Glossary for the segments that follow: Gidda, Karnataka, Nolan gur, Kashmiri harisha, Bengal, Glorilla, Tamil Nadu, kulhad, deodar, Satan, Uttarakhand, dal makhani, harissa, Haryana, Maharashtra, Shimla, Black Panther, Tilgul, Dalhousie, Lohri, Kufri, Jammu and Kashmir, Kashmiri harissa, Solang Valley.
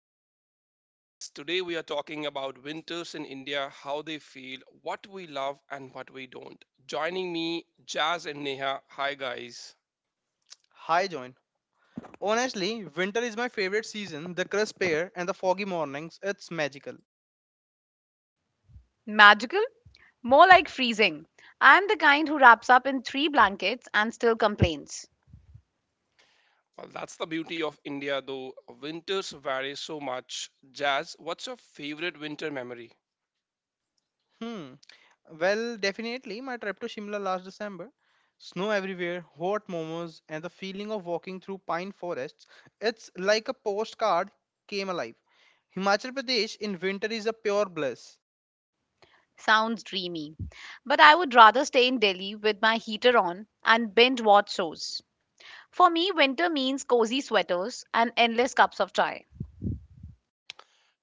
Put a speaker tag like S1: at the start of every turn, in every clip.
S1: Welcome to Chili Chats. Today, we are talking about winters in India, how they feel, what we love, and what we don't. Joining me, Jazz and Neha. Hi, guys.
S2: Hi, Join. Honestly, winter is my favorite season. The crisp air and the foggy mornings, it's magical.
S3: Magical? More like freezing. I'm the kind who wraps up in three blankets and still complains.
S1: Well, that's the beauty of India, though. Winters vary so much. Jazz, what's your favorite winter memory?
S2: Hmm. Well, definitely my trip to Shimla last December. Snow everywhere, hot momos, and the feeling of walking through pine forests. It's like a postcard came alive. Himachal Pradesh in winter is a pure bliss.
S3: Sounds dreamy. But I would rather stay in Delhi with my heater on and binge watch shows. For me, winter means cozy sweaters and endless cups of chai.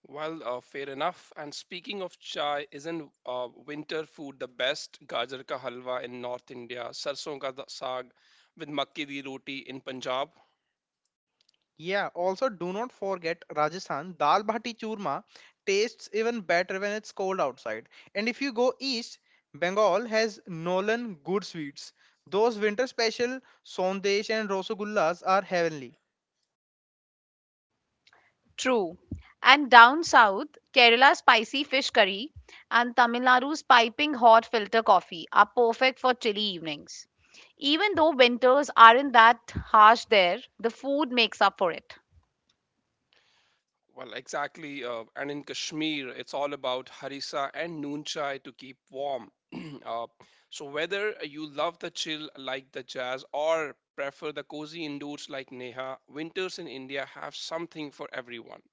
S1: Well, fair enough. And speaking of chai, isn't winter food the best? Gajar ka halwa in North India, saag with makki di roti in Punjab.
S2: Yeah, also do not forget Rajasthan dal bhati churma tastes even better when it's cold outside. And if you go east, Bengal has Nolan good sweets. Those winter special sondesh and Rosogullas are heavenly.
S3: True. And down south, Kerala's spicy fish curry and Tamil Nadu's piping hot filter coffee are perfect for chilly evenings. Even though winters aren't that harsh there, the food makes up for it.
S1: Well, exactly. And in Kashmir, it's all about harissa and noon chai to keep warm. uh, so, whether you love the chill like the jazz or prefer the cozy indoors like Neha, winters in India have something for everyone.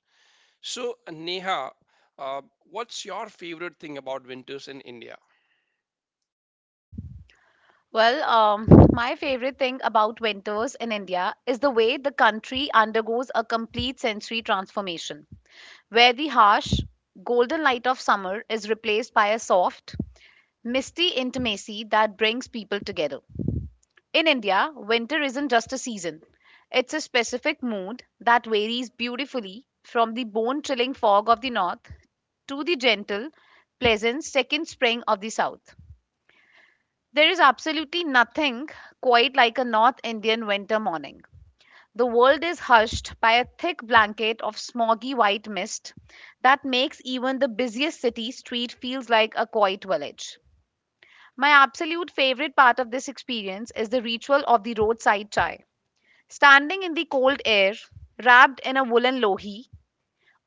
S1: So, Neha, what's your favorite thing about winters in India?
S3: Well, my favorite thing about winters in India is the way the country undergoes a complete sensory transformation, where the harsh, golden light of summer is replaced by a soft, misty intimacy that brings people together. In India, winter isn't just a season, it's a specific mood that varies beautifully from the bone chilling fog of the north to the gentle, pleasant second spring of the south. There is absolutely nothing quite like a North Indian winter morning. The world is hushed by a thick blanket of smoggy white mist that makes even the busiest city street feels like a quiet village. My absolute favorite part of this experience is the ritual of the roadside chai. Standing in the cold air, wrapped in a woolen lohi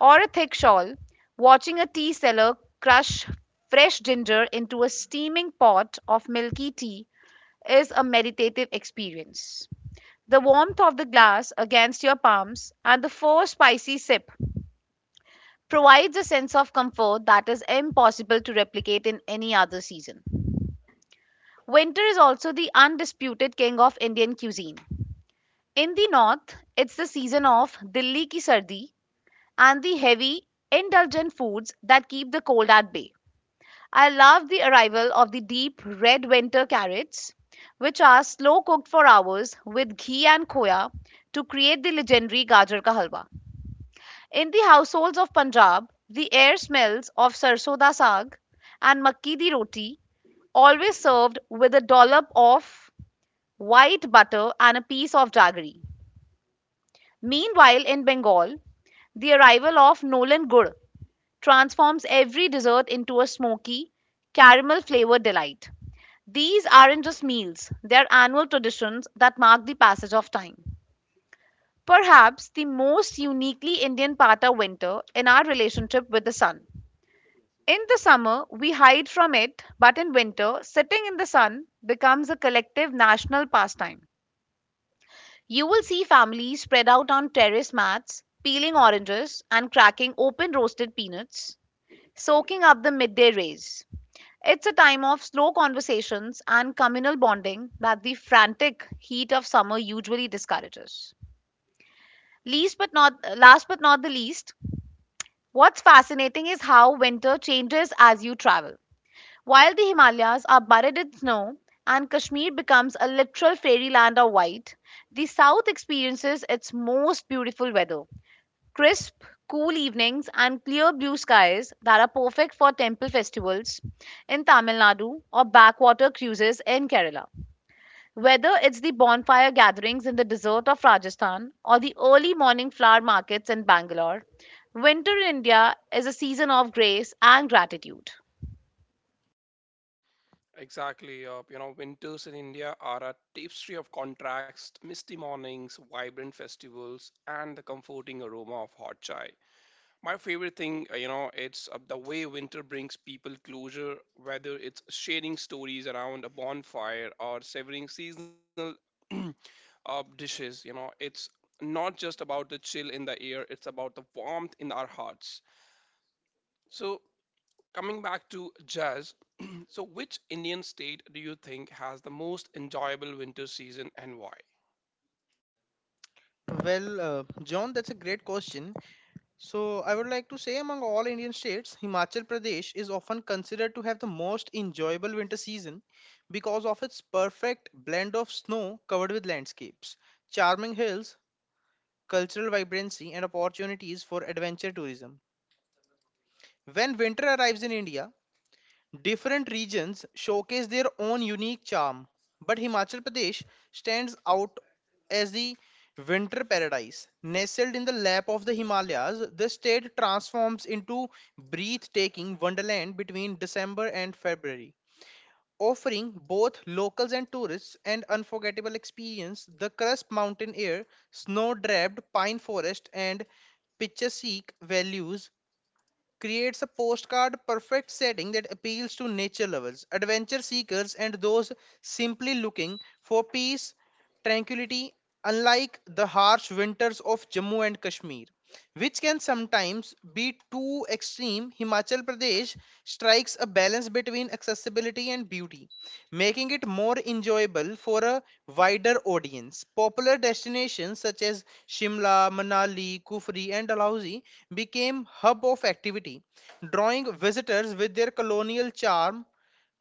S3: or a thick shawl, watching a tea seller crush fresh ginger into a steaming pot of milky tea is a meditative experience. The warmth of the glass against your palms and the four spicy sip provides a sense of comfort that is impossible to replicate in any other season. Winter is also the undisputed king of Indian cuisine. In the north, it's the season of Dilli ki sardi and the heavy, indulgent foods that keep the cold at bay. I love the arrival of the deep red winter carrots, which are slow cooked for hours with ghee and khoya to create the legendary Gajar ka halwa. In the households of Punjab, the air smells of sarson da saag and makki di roti, always served with a dollop of white butter and a piece of jaggery. Meanwhile, in Bengal, the arrival of Nolan gur transforms every dessert into a smoky, caramel flavored delight. These aren't just meals, they're annual traditions that mark the passage of time. Perhaps the most uniquely Indian part of winter in our relationship with the sun. In the summer, we hide from it, but in winter, sitting in the sun becomes a collective national pastime. You will see families spread out on terrace mats, peeling oranges and cracking open roasted peanuts, soaking up the midday rays. It's a time of slow conversations and communal bonding that the frantic heat of summer usually discourages. Least but not last but not the least, what's fascinating is how winter changes as you travel. While the Himalayas are buried in snow and Kashmir becomes a literal fairyland of white, the south experiences its most beautiful weather. Crisp, cool evenings and clear blue skies that are perfect for temple festivals in Tamil Nadu or backwater cruises in Kerala. Whether it's the bonfire gatherings in the desert of Rajasthan or the early morning flower markets in Bangalore, winter in India is a season of grace and gratitude.
S1: Exactly. Winters in India are a tapestry of contrast, misty mornings, vibrant festivals, and the comforting aroma of hot chai. My favorite thing, you know, it's the way winter brings people closure, whether it's sharing stories around a bonfire or savoring seasonal uh, dishes. It's not just about the chill in the air, it's about the warmth in our hearts. So, coming back to jazz, so which Indian state do you think has the most enjoyable winter season and why?
S2: Well, John, that's a great question. So, I would like to say among all Indian states, Himachal Pradesh is often considered to have the most enjoyable winter season because of its perfect blend of snow covered with landscapes, charming hills, cultural vibrancy, and opportunities for adventure tourism. When winter arrives in India, different regions showcase their own unique charm, but Himachal Pradesh stands out as the winter paradise. Nestled in the lap of the Himalayas, the state transforms into breathtaking wonderland between December and February, offering both locals and tourists an unforgettable experience. The crisp mountain air, snow-draped pine forest, and picturesque values creates a postcard perfect setting that appeals to nature lovers, adventure seekers, and those simply looking for peace, tranquility, unlike the harsh winters of Jammu and Kashmir, which can sometimes be too extreme. Himachal Pradesh strikes a balance between accessibility and beauty, making it more enjoyable for a wider audience. Popular destinations such as Shimla, Manali, Kufri, and Dalhousie became hub of activity, drawing visitors with their colonial charm,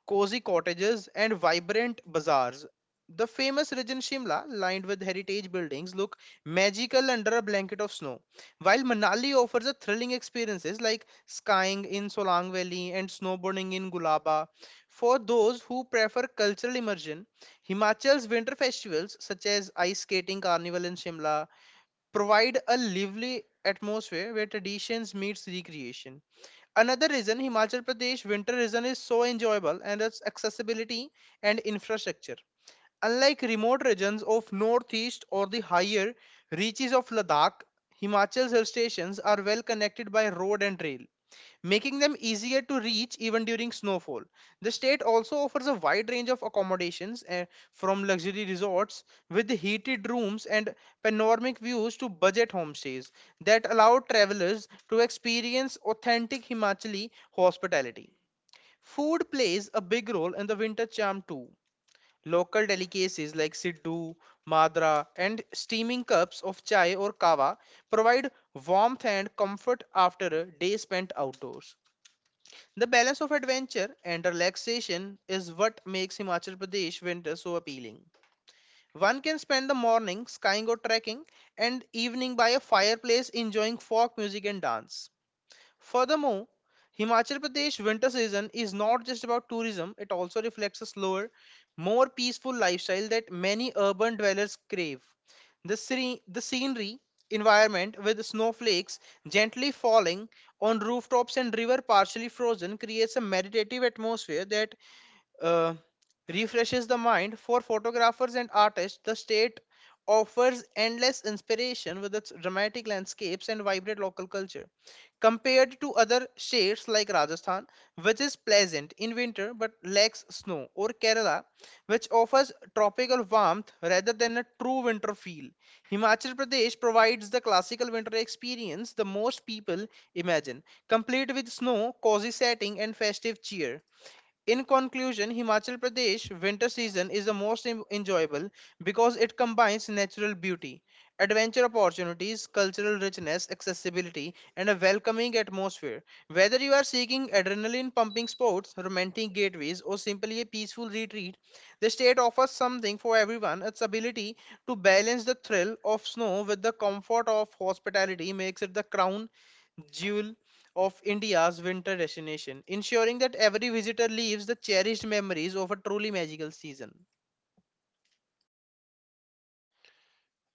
S2: cozy cottages, and vibrant bazaars. The famous region Shimla, lined with heritage buildings, look magical under a blanket of snow, while Manali offers a thrilling experiences like skiing in Solang Valley and snowboarding in Gulaba. For those who prefer cultural immersion, Himachal's winter festivals such as ice skating carnival in Shimla, provide a lively atmosphere where traditions meets recreation. Another reason Himachal Pradesh winter region is so enjoyable and its accessibility and infrastructure. Unlike remote regions of northeast or the higher reaches of Ladakh, Himachal's hill stations are well connected by road and rail, making them easier to reach even during snowfall. The state also offers a wide range of accommodations, from luxury resorts with heated rooms and panoramic views to budget homestays that allow travelers to experience authentic Himachali hospitality. Food plays a big role in the winter charm too. Local delicacies like siddhu, madra, and steaming cups of chai or kava provide warmth and comfort after a day spent outdoors. The balance of adventure and relaxation is what makes Himachal Pradesh winter so appealing. One can spend the morning skying or trekking and evening by a fireplace enjoying folk music and dance. Furthermore, Himachal Pradesh winter season is not just about tourism, it also reflects a slower, more peaceful lifestyle that many urban dwellers crave. The scenery environment with snowflakes gently falling on rooftops and river partially frozen creates a meditative atmosphere that uh, refreshes the mind. For photographers and artists, the state offers endless inspiration with its dramatic landscapes and vibrant local culture. Compared to other states like Rajasthan, which is pleasant in winter but lacks snow, or Kerala, which offers tropical warmth rather than a true winter feel. Himachal Pradesh provides the classical winter experience the most people imagine, complete with snow, cozy setting, and festive cheer. In conclusion, Himachal Pradesh winter season is the most enjoyable because it combines natural beauty, adventure opportunities, cultural richness, accessibility, and a welcoming atmosphere. Whether you are seeking adrenaline pumping sports, romantic gateways, or simply a peaceful retreat, the state offers something for everyone. Its ability to balance the thrill of snow with the comfort of hospitality makes it the crown jewel of India's winter destination, ensuring that every visitor leaves the cherished memories of a truly magical season.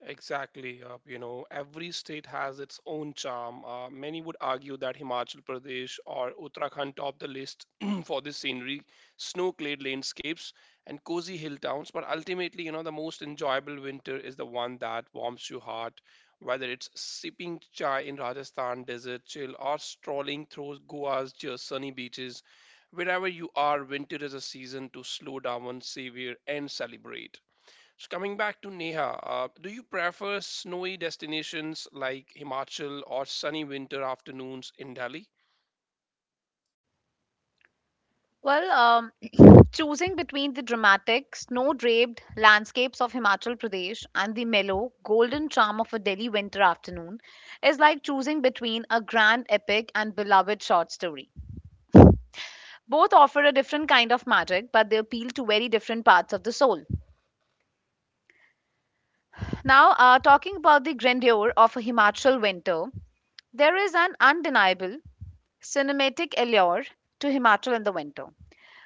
S1: Exactly. Every state has its own charm. Many would argue that Himachal Pradesh or Uttarakhand top the list for the scenery, snow-clad landscapes, and cozy hill towns. But ultimately, the most enjoyable winter is the one that warms your heart. Whether it's sipping chai in Rajasthan desert chill or strolling through sunny beaches, wherever you are, winter is a season to slow down, savor, and celebrate. So coming back to Neha, do you prefer snowy destinations like Himachal or sunny winter afternoons in Delhi?
S3: Well, choosing between the dramatic, snow draped landscapes of Himachal Pradesh and the mellow, golden charm of a Delhi winter afternoon is like choosing between a grand epic and beloved short story. Both offer a different kind of magic, but they appeal to very different parts of the soul. Now, talking about the grandeur of a Himachal winter, there is an undeniable cinematic allure to Himachal in the winter.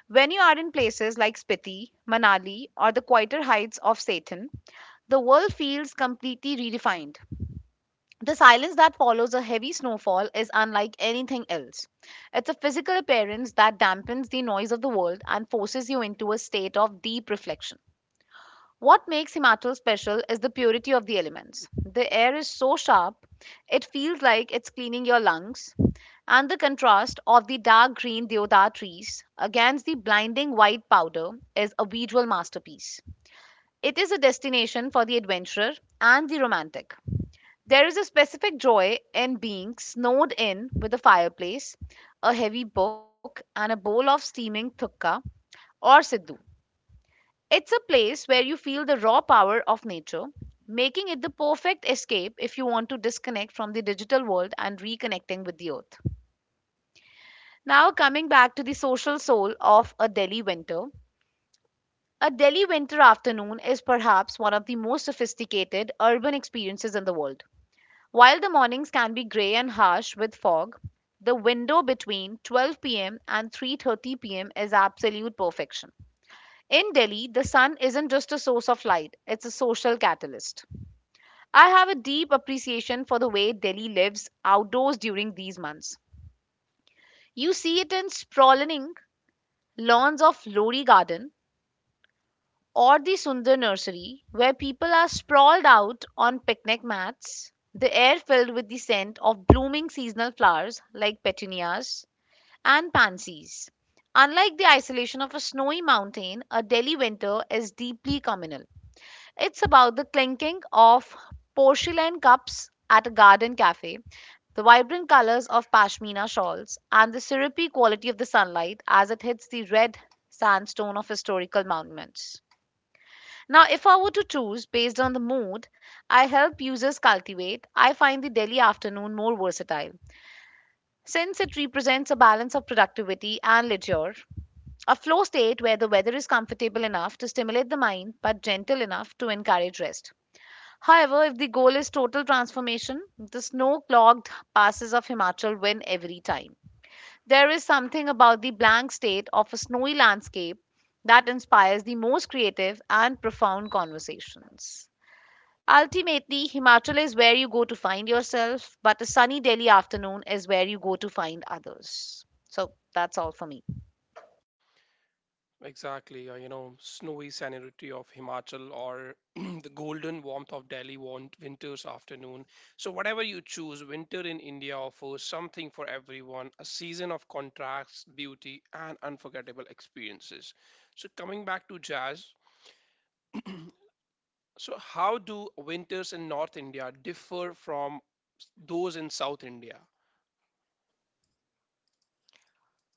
S3: When you are in places like Spiti, Manali, or the quieter heights of Satan, the world feels completely redefined. The silence that follows a heavy snowfall is unlike anything else. It's a physical appearance that dampens the noise of the world and forces you into a state of deep reflection. What makes Himachal special is the purity of the elements. The air is so sharp, it feels like it's cleaning your lungs, and the contrast of the dark green deodar trees against the blinding white powder is a visual masterpiece. It is a destination for the adventurer and the romantic. There is a specific joy in being snowed in with a fireplace, a heavy book, and a bowl of steaming thukka or siddhu. It's a place where you feel the raw power of nature, making it the perfect escape if you want to disconnect from the digital world and reconnecting with the earth. Now, coming back to the social soul of a Delhi winter. A Delhi winter afternoon is perhaps one of the most sophisticated urban experiences in the world. While the mornings can be grey and harsh with fog, the window between 12 p.m. and 3:30 p.m. is absolute perfection. In Delhi, the sun isn't just a source of light, it's a social catalyst. I have a deep appreciation for the way Delhi lives outdoors during these months. You see it in sprawling lawns of Lori Garden or the Sundar Nursery, where people are sprawled out on picnic mats, the air filled with the scent of blooming seasonal flowers like petunias and pansies. Unlike the isolation of a snowy mountain, a Delhi winter is deeply communal. It's about the clinking of porcelain cups at a garden cafe, the vibrant colors of pashmina shawls, and the syrupy quality of the sunlight as it hits the red sandstone of historical monuments. Now, if I were to choose based on the mood I help users cultivate, I find the Delhi afternoon more versatile. Since it represents a balance of productivity and leisure, a flow state where the weather is comfortable enough to stimulate the mind but gentle enough to encourage rest. However, if the goal is total transformation, the snow clogged passes of Himachal win every time. There is something about the blank state of a snowy landscape that inspires the most creative and profound conversations. Ultimately, Himachal is where you go to find yourself, but a sunny Delhi afternoon is where you go to find others. So that's all for me.
S1: Exactly. Snowy scenery of Himachal or the golden warmth of Delhi want winter's afternoon. So whatever you choose, winter in India offers something for everyone, a season of contrasts, beauty, and unforgettable experiences. So coming back to jazz, so how do winters in North India differ from those in South India?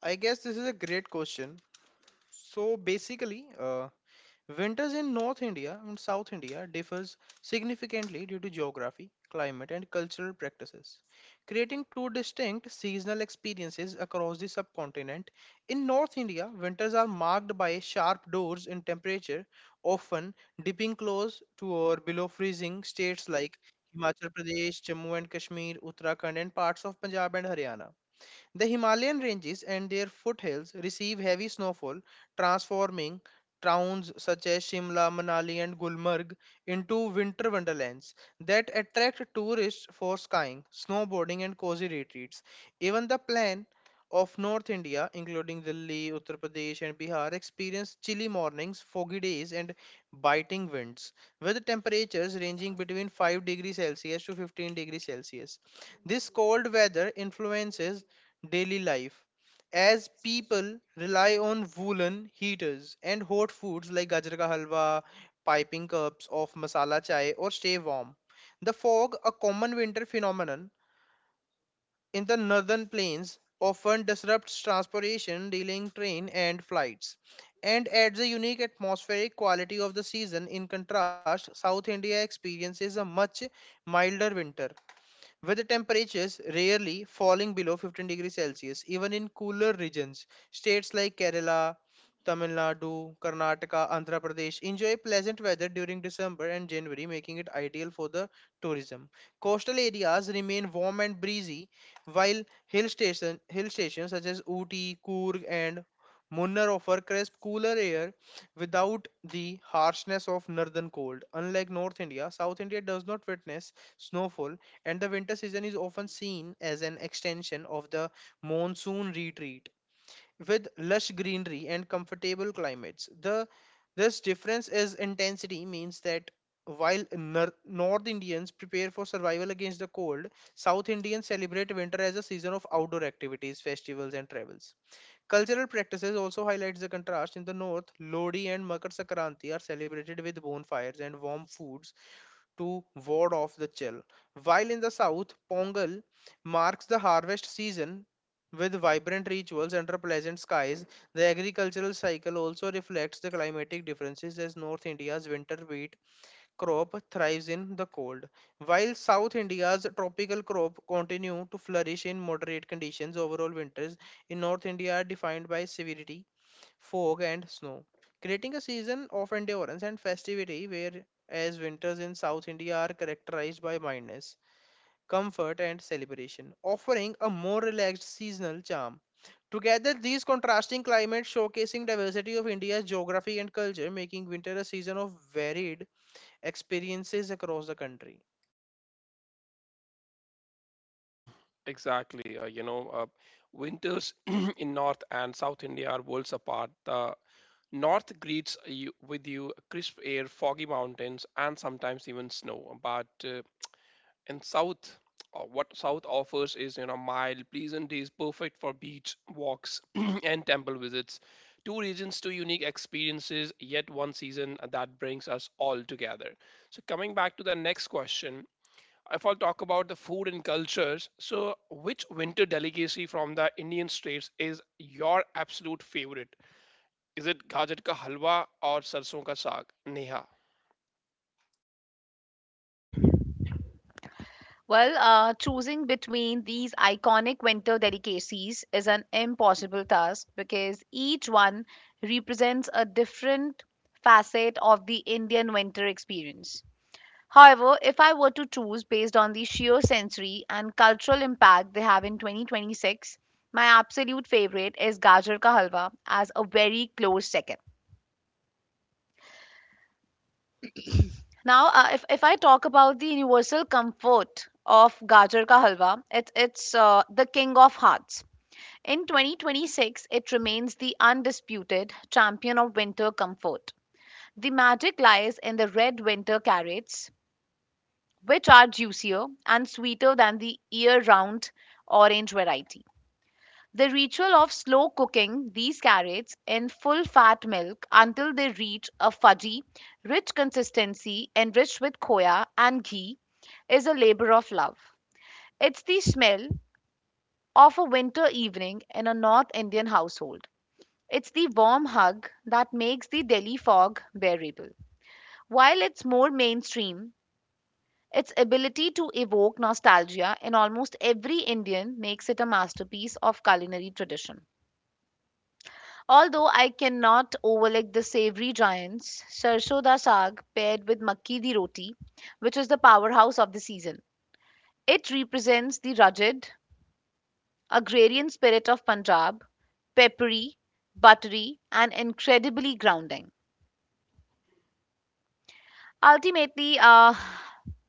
S2: I guess this is a great question. So basically, winters in North India and South India differs significantly due to geography, climate and cultural practices, creating two distinct seasonal experiences across the subcontinent. In North India, winters are marked by sharp doors in temperature, often dipping close to or below freezing states like Himachal Pradesh, Jammu and Kashmir, Uttarakhand and parts of Punjab and Haryana. The Himalayan ranges and their foothills receive heavy snowfall, transforming towns such as Shimla, Manali, and Gulmarg into winter wonderlands that attract tourists for skiing, snowboarding, and cozy retreats. Even the plain of North India, including Delhi, Uttar Pradesh, and Bihar, experience chilly mornings, foggy days, and biting winds, with temperatures ranging between 5 degrees Celsius to 15 degrees Celsius. This cold weather influences daily life as people rely on woolen heaters and hot foods like gajar ka halwa, piping cups of masala chai or stay warm. The fog, a common winter phenomenon in the northern plains, often disrupts transportation, delaying train and flights, and adds a unique atmospheric quality of the season. In contrast, South India experiences a much milder winter with the temperatures rarely falling below 15 degrees Celsius, even in cooler regions. States like Kerala, Tamil Nadu, Karnataka, Andhra Pradesh enjoy pleasant weather during December and January, making it ideal for the tourism. Coastal areas remain warm and breezy, while hill stations such as Ooty, Coorg, and Munnar offer crisp, cooler air without the harshness of northern cold. Unlike North India, South India does not witness snowfall and the winter season is often seen as an extension of the monsoon retreat with lush greenery and comfortable climates. The this difference is intensity means that while north Indians prepare for survival against the cold, south Indians celebrate winter as a season of outdoor activities, festivals and travels. Cultural practices also highlights the contrast. In the north, Lodi and Makar Sankranti are celebrated with bonfires and warm foods to ward off the chill. While in the south, Pongal marks the harvest season with vibrant rituals under pleasant skies. The agricultural cycle also reflects the climatic differences as North India's winter wheat crop thrives in the cold, while South India's tropical crop continue to flourish in moderate conditions. Overall winters in North India are defined by severity, fog, and snow, creating a season of endurance and festivity, whereas winters in South India are characterized by mildness, comfort, and celebration, offering a more relaxed seasonal charm. Together, these contrasting climates showcasing diversity of India's geography and culture, making winter a season of varied experiences across the country.
S1: Exactly. Winters in North and South India are worlds apart. The North greets you with you crisp air, foggy mountains, and sometimes even snow. But in South, what South offers is, mild, pleasant days, perfect for beach walks and temple visits. Two regions, two unique experiences, yet one season that brings us all together. So, coming back to the next question. If I'll talk about the food and cultures, so which winter delicacy from the Indian states is your absolute favorite? Is it gajar ka halwa or sarson ka saag? Neha.
S3: Well, choosing between these iconic winter delicacies is an impossible task because each one represents a different facet of the Indian winter experience. However, if I were to choose based on the sheer sensory and cultural impact they have in 2026, my absolute favorite is Gajar Ka Halwa as a very close second. Now, if I talk about the universal comfort of Gajar Ka Halwa, it's the king of hearts. In 2026, it remains the undisputed champion of winter comfort. The magic lies in the red winter carrots, which are juicier and sweeter than the year round orange variety. The ritual of slow cooking these carrots in full fat milk until they reach a fudgy, rich consistency enriched with khoya and ghee is a labor of love. It's the smell of a winter evening in a North Indian household. It's the warm hug that makes the Delhi fog bearable. While it's more mainstream, its ability to evoke nostalgia in almost every Indian makes it a masterpiece of culinary tradition. Although I cannot overlook the savory giants, sarson da saag paired with makki di roti, which is the powerhouse of the season. It represents the rugged, agrarian spirit of Punjab, peppery, buttery, and incredibly grounding. Ultimately,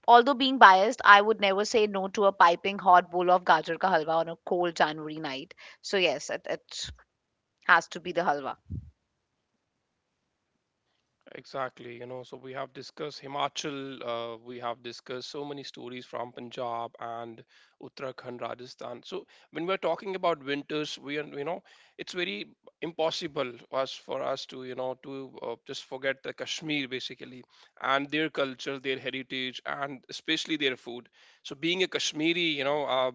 S3: although being biased, I would never say no to a piping hot bowl of gajar ka halwa on a cold January night. So yes, it has to be the halwa.
S1: Exactly, so we have discussed Himachal, we have discussed so many stories from Punjab and Uttarakhand, Rajasthan. So when we're talking about winters, we are, you know, it's very impossible us for us to, just forget the Kashmir basically and their culture, their heritage, and especially their food. So being a Kashmiri,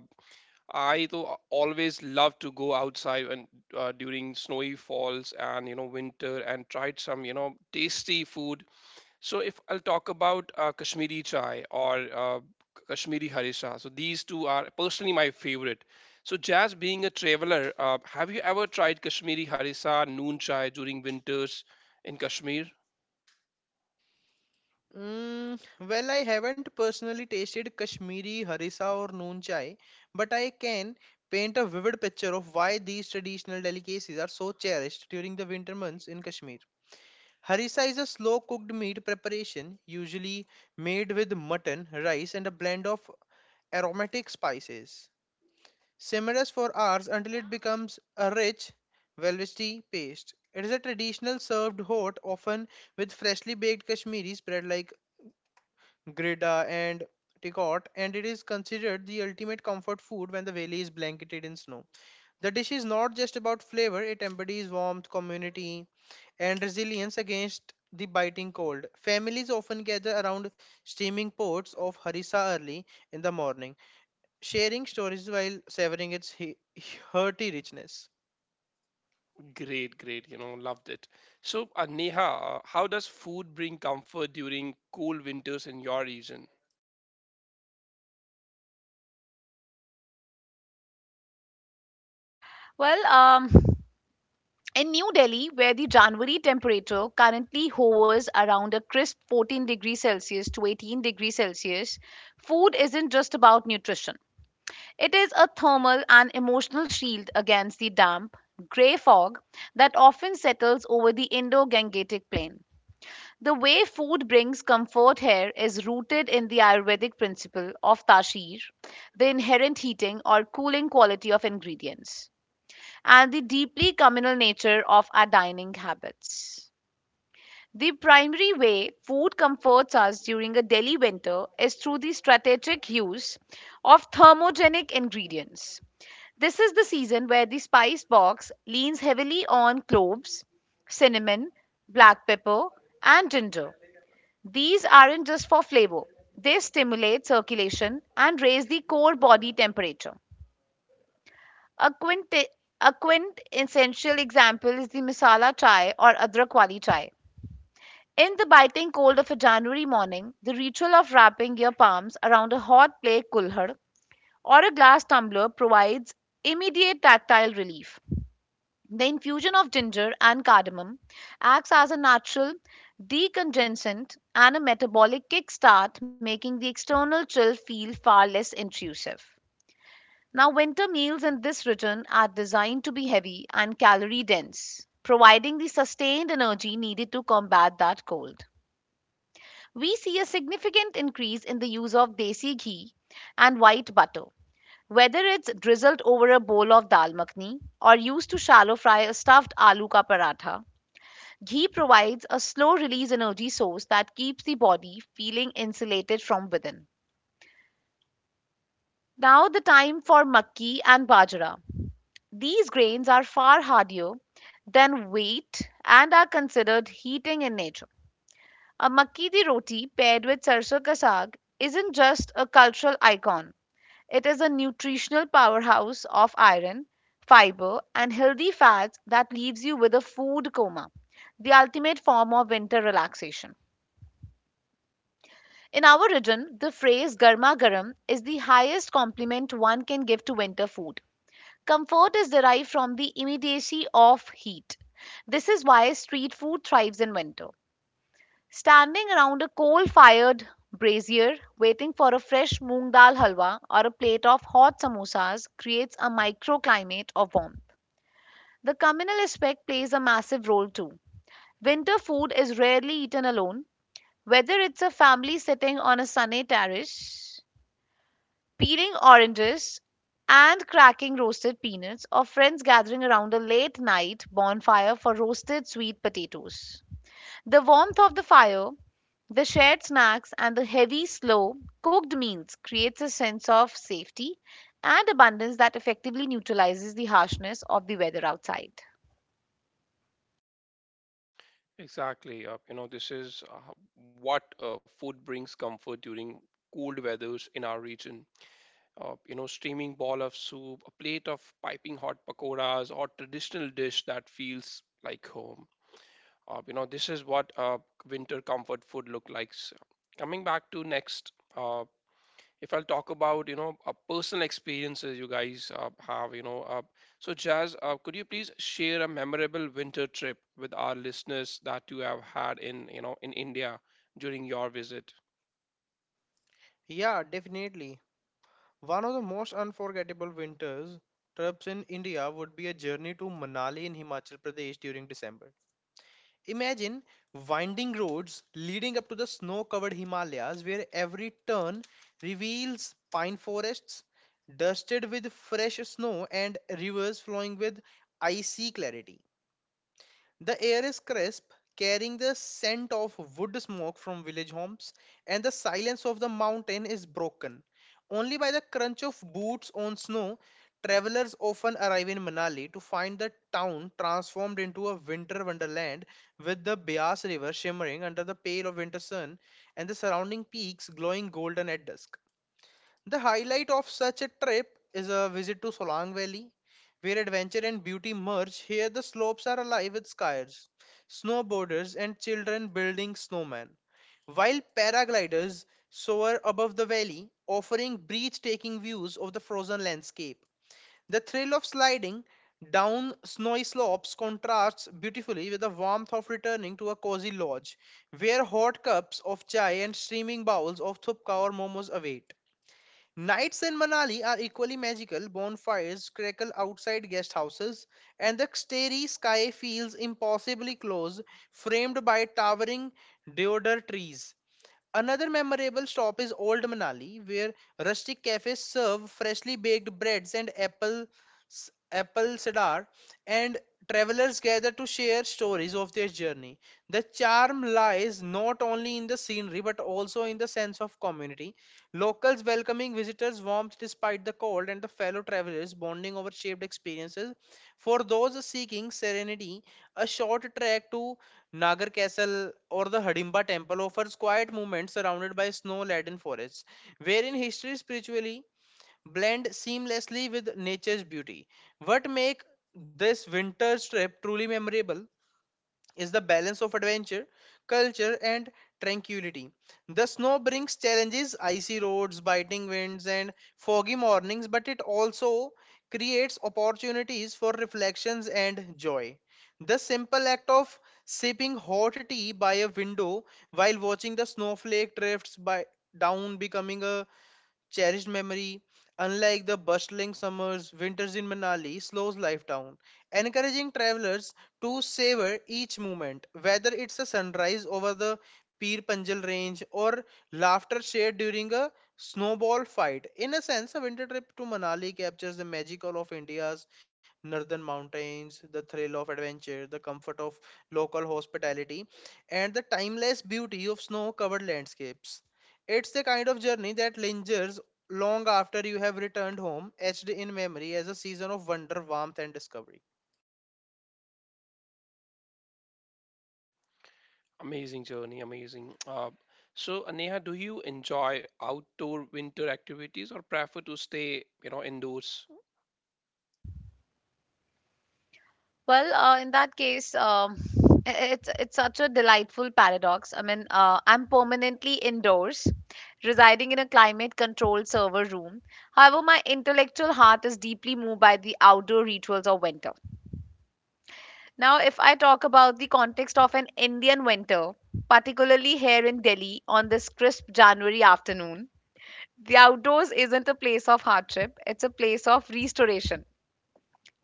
S1: I though always love to go outside and during snowy falls and winter and tried some tasty food. So if I'll talk about Kashmiri chai or Kashmiri harisha, so these two are personally my favorite. So Jazz, being a traveler, have you ever tried Kashmiri harisha noon chai during winters in Kashmir?
S2: Mm, well, I haven't personally tasted Kashmiri harissa or noon chai, but I can paint a vivid picture of why these traditional delicacies are so cherished during the winter months in Kashmir. Harissa is a slow cooked meat preparation, usually made with mutton, rice, and a blend of aromatic spices. Simmers for hours until it becomes a rich, velvety paste. It is a traditional served hot, often with freshly baked Kashmiri spread like grida, and Tikot, and it is considered the ultimate comfort food when the valley is blanketed in snow. The dish is not just about flavor, it embodies warmth, community, and resilience against the biting cold. Families often gather around steaming pots of harissa early in the morning, sharing stories while savoring its hearty richness.
S1: Great, great. You know, loved it. So, Neha, how does food bring comfort during cold winters in your region?
S3: Well, in New Delhi, where the January temperature currently hovers around a crisp 14 degrees Celsius to 18 degrees Celsius, food isn't just about nutrition. It is a thermal and emotional shield against the damp, grey fog that often settles over the Indo-Gangetic plain. The way food brings comfort here is rooted in the Ayurvedic principle of tashir, the inherent heating or cooling quality of ingredients, and the deeply communal nature of our dining habits. The primary way food comforts us during a Delhi winter is through the strategic use of thermogenic ingredients. This is the season where the spice box leans heavily on cloves, cinnamon, black pepper, and ginger. These aren't just for flavor, they stimulate circulation and raise the core body temperature. A, quinti- a quintessential example is the masala chai or adrak wali chai. In the biting cold of a January morning, the ritual of wrapping your palms around a hot clay kulhad or a glass tumbler provides immediate tactile relief. The infusion of ginger and cardamom acts as a natural decongensant and a metabolic kickstart, making the external chill feel far less intrusive. Now, winter meals in this region are designed to be heavy and calorie dense, providing the sustained energy needed to combat that cold. We see a significant increase in the use of desi ghee and white butter, whether it's drizzled over a bowl of dal makhani or used to shallow fry a stuffed aloo ka paratha. Ghee provides a slow release energy source that keeps the body feeling insulated from within. Now, the time for makki and bajra. These grains are far hardier than wheat and are considered heating in nature. A makki di roti paired with sarso ka saag isn't just a cultural icon, it is a nutritional powerhouse of iron, fiber, and healthy fats that leaves you with a food coma, the ultimate form of winter relaxation. In our region, the phrase garma garam is the highest compliment one can give to winter food. Comfort is derived from the immediacy of heat. This is why street food thrives in winter. Standing around a coal fired brazier, waiting for a fresh moong dal halwa or a plate of hot samosas creates a microclimate of warmth. The communal aspect plays a massive role too. Winter food is rarely eaten alone, whether it's a family sitting on a sunny terrace peeling oranges and cracking roasted peanuts, or friends gathering around a late night bonfire for roasted sweet potatoes. The warmth of the fire, the shared snacks, and the heavy, slow cooked meals creates a sense of safety and abundance that effectively neutralizes the harshness of the weather outside.
S1: Exactly. You know, this is what food brings comfort during cold weathers in our region. Steaming ball of soup, a plate of piping hot pakoras, or traditional dish that feels like home. You know, this is what winter comfort food look like. So, coming back to next. If I'll talk about personal experiences you guys have, so Jazz, could you please share a memorable winter trip with our listeners that you have had in in India during your visit?
S2: Yeah, definitely. One of the most unforgettable winters trips in India would be a journey to Manali in Himachal Pradesh during December. Imagine winding roads leading up to the snow covered Himalayas, where every turn reveals pine forests dusted with fresh snow and rivers flowing with icy clarity. The air is crisp, carrying the scent of wood smoke from village homes, and the silence of the mountain is broken. Only by the crunch of boots on snow, travelers often arrive in Manali to find the town transformed into a winter wonderland with the Bias River shimmering under the pale of winter sun and the surrounding peaks glowing golden at dusk. The highlight of such a trip is a visit to Solang Valley, where adventure and beauty merge. Here, the slopes are alive with skiers, snowboarders, and children building snowmen, while paragliders soar above the valley, offering breathtaking views of the frozen landscape. The thrill of sliding down snowy slopes contrasts beautifully with the warmth of returning to a cozy lodge, where hot cups of chai and steaming bowls of thupka or momos await. Nights in Manali are equally magical. Bonfires crackle outside guest houses, and the starry sky feels impossibly close, framed by towering deodar trees. Another memorable stop is Old Manali, where rustic cafes serve freshly baked breads and apple cider, and travelers gather to share stories of their journey. The charm lies not only in the scenery but also in the sense of community. Locals welcoming visitors warmth despite the cold, and the fellow travelers bonding over shared experiences. For those seeking serenity, a short trek to Nagar Castle or the Hidimba Temple offers quiet moments surrounded by snow-laden forests, wherein history spiritually blend seamlessly with nature's beauty. What make this winter trip truly memorable is the balance of adventure, culture, and tranquility. The snow brings challenges, icy roads, biting winds, and foggy mornings, but it also creates opportunities for reflections and joy. The simple act of sipping hot tea by a window while watching the snowflake drifts by down becoming a cherished memory. Unlike the bustling summers, winters in Manali slows life down, encouraging travelers to savor each moment, whether it's a sunrise over the Peer Panjal range or laughter shared during a snowball fight. In a sense, a winter trip to Manali captures the magical of India's northern mountains, the thrill of adventure, the comfort of local hospitality, and the timeless beauty of snow covered landscapes. It's the kind of journey that lingers long after you have returned home, etched in memory as a season of wonder, warmth, and discovery.
S1: Amazing journey, amazing. So, Neha, do you enjoy outdoor winter activities or prefer to stay indoors?
S3: Well, in that case, it's such a delightful paradox. I mean, I'm permanently indoors, residing in a climate-controlled server room. However, my intellectual heart is deeply moved by the outdoor rituals of winter. Now, if I talk about the context of an Indian winter, particularly here in Delhi on this crisp January afternoon, the outdoors isn't a place of hardship; it's a place of restoration.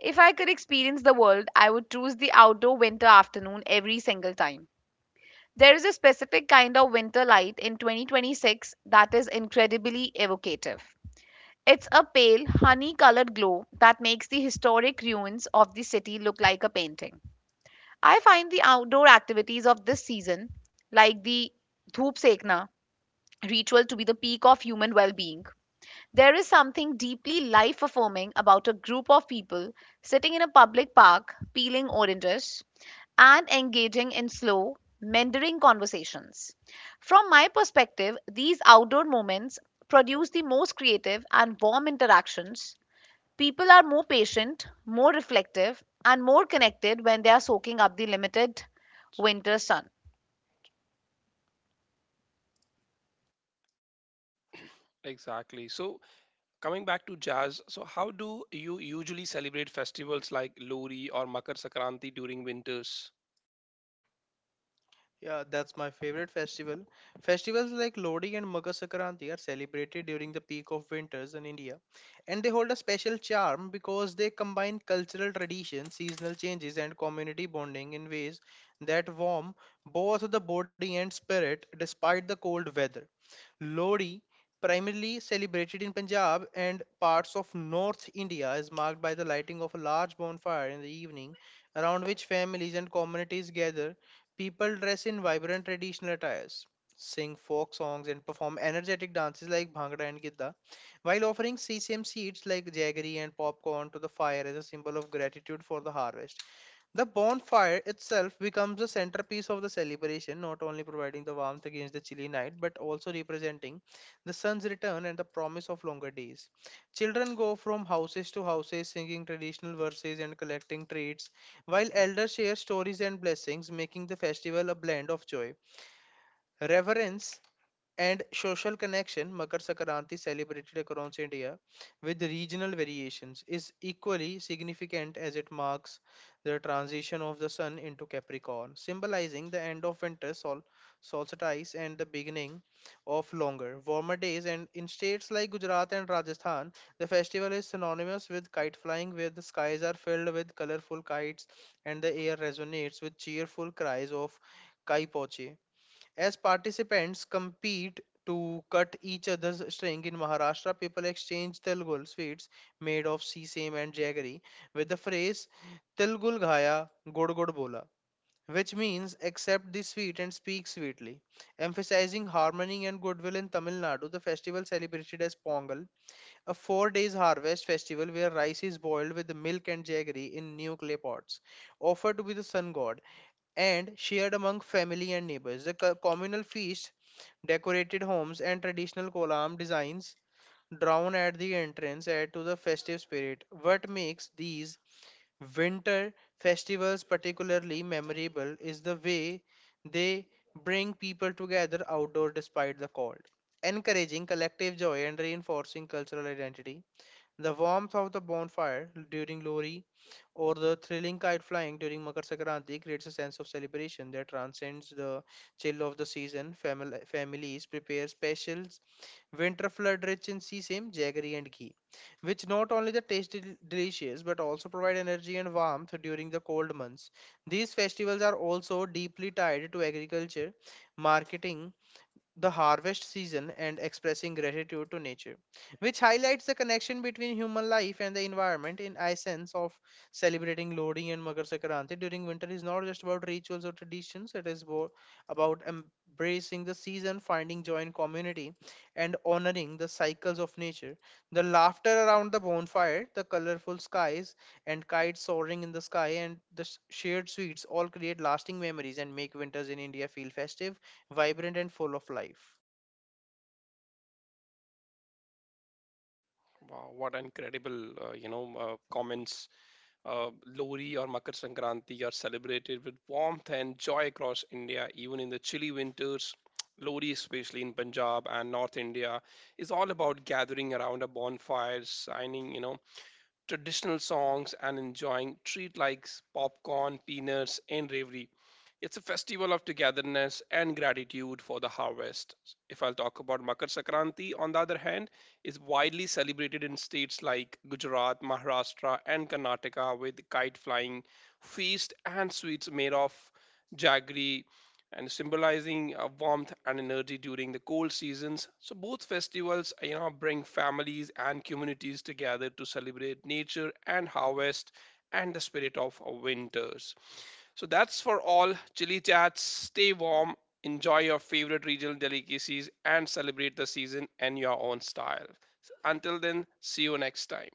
S3: If I could experience the world, I would choose the outdoor winter afternoon every single time. There is a specific kind of winter light in 2026 that is incredibly evocative. It's a pale, honey colored glow that makes the historic ruins of the city look like a painting. I find the outdoor activities of this season, like the Dhoop Sekna ritual, to be the peak of human well being. There is something deeply life affirming about a group of people sitting in a public park, peeling oranges, and engaging in slow, meandering conversations. From my perspective, these outdoor moments produce the most creative and warm interactions. People are more patient, more reflective, and more connected when they are soaking up the limited winter sun.
S1: Exactly. So coming back to Jazz, so how do you usually celebrate festivals like Lori or Makar Sankranti during winters?
S2: Yeah, that's my favorite festival. Festivals like Lodi and Makar Sankranti are celebrated during the peak of winters in India, and they hold a special charm because they combine cultural tradition, seasonal changes, and community bonding in ways that warm both the body and spirit despite the cold weather. Lodi, primarily celebrated in Punjab and parts of North India, is marked by the lighting of a large bonfire in the evening, around which families and communities gather. People dress in vibrant traditional attires, sing folk songs, and perform energetic dances like Bhangra and Gidda, while offering sesame seeds like jaggery and popcorn to the fire as a symbol of gratitude for the harvest. The bonfire itself becomes a centerpiece of the celebration, not only providing the warmth against the chilly night, but also representing the sun's return and the promise of longer days. Children go from houses to houses singing traditional verses and collecting treats, while elders share stories and blessings, making the festival a blend of joy, reverence, and social connection. Makar Sakranti, celebrated across India with regional variations, is equally significant as it marks the transition of the sun into Capricorn, symbolizing the end of winter solstice and the beginning of longer, warmer days. And in states like Gujarat and Rajasthan, the festival is synonymous with kite flying, where the skies are filled with colorful kites and the air resonates with cheerful cries of Kai Poche as participants compete to cut each other's string. In Maharashtra, people exchange Tilgul sweets made of sesame and jaggery with the phrase Tilgul Ghaya Gud Gud Bola, which means accept the sweet and speak sweetly. Emphasizing harmony and goodwill in Tamil Nadu, the festival celebrated as Pongal, a 4 days harvest festival where rice is boiled with milk and jaggery in new clay pots, offered to be the sun god and shared among family and neighbors. The communal feast, decorated homes, and traditional kolam designs drawn at the entrance add to the festive spirit. What makes these winter festivals particularly memorable is the way they bring people together outdoor despite the cold, encouraging collective joy and reinforcing cultural identity. The warmth of the bonfire during Lohri or the thrilling kite flying during Makar Sankranti creates a sense of celebration that transcends the chill of the season. Families prepare specials, winter flood rich in sesame, jaggery, and ghee, which not only the taste delicious but also provide energy and warmth during the cold months. These festivals are also deeply tied to agriculture, marketing, the harvest season and expressing gratitude to nature, which highlights the connection between human life and the environment in essence of celebrating Lodi and Makar Sankranti during winter is not just about rituals or traditions, it is about embracing the season, finding joy in community, and honoring the cycles of nature. The laughter around the bonfire, the colorful skies, and kites soaring in the sky, and the shared sweets all create lasting memories and make winters in India feel festive vibrant and full of life.
S1: Wow, what incredible, comments. Lori or Makar Sankranti are celebrated with warmth and joy across India, even in the chilly winters. Lori, especially in Punjab and North India, is all about gathering around a bonfire, signing, traditional songs and enjoying treat like popcorn, peanuts, and reverie. It's a festival of togetherness and gratitude for the harvest. If I'll talk about Makar Sankranti, on the other hand, is widely celebrated in states like Gujarat, Maharashtra, and Karnataka with kite flying, feast, and sweets made of jaggery, and symbolizing warmth and energy during the cold seasons. So both festivals, bring families and communities together to celebrate nature and harvest and the spirit of winters. So that's for all chili chats. Stay warm, enjoy your favorite regional delicacies and celebrate the season in your own style. So until then, see you next time.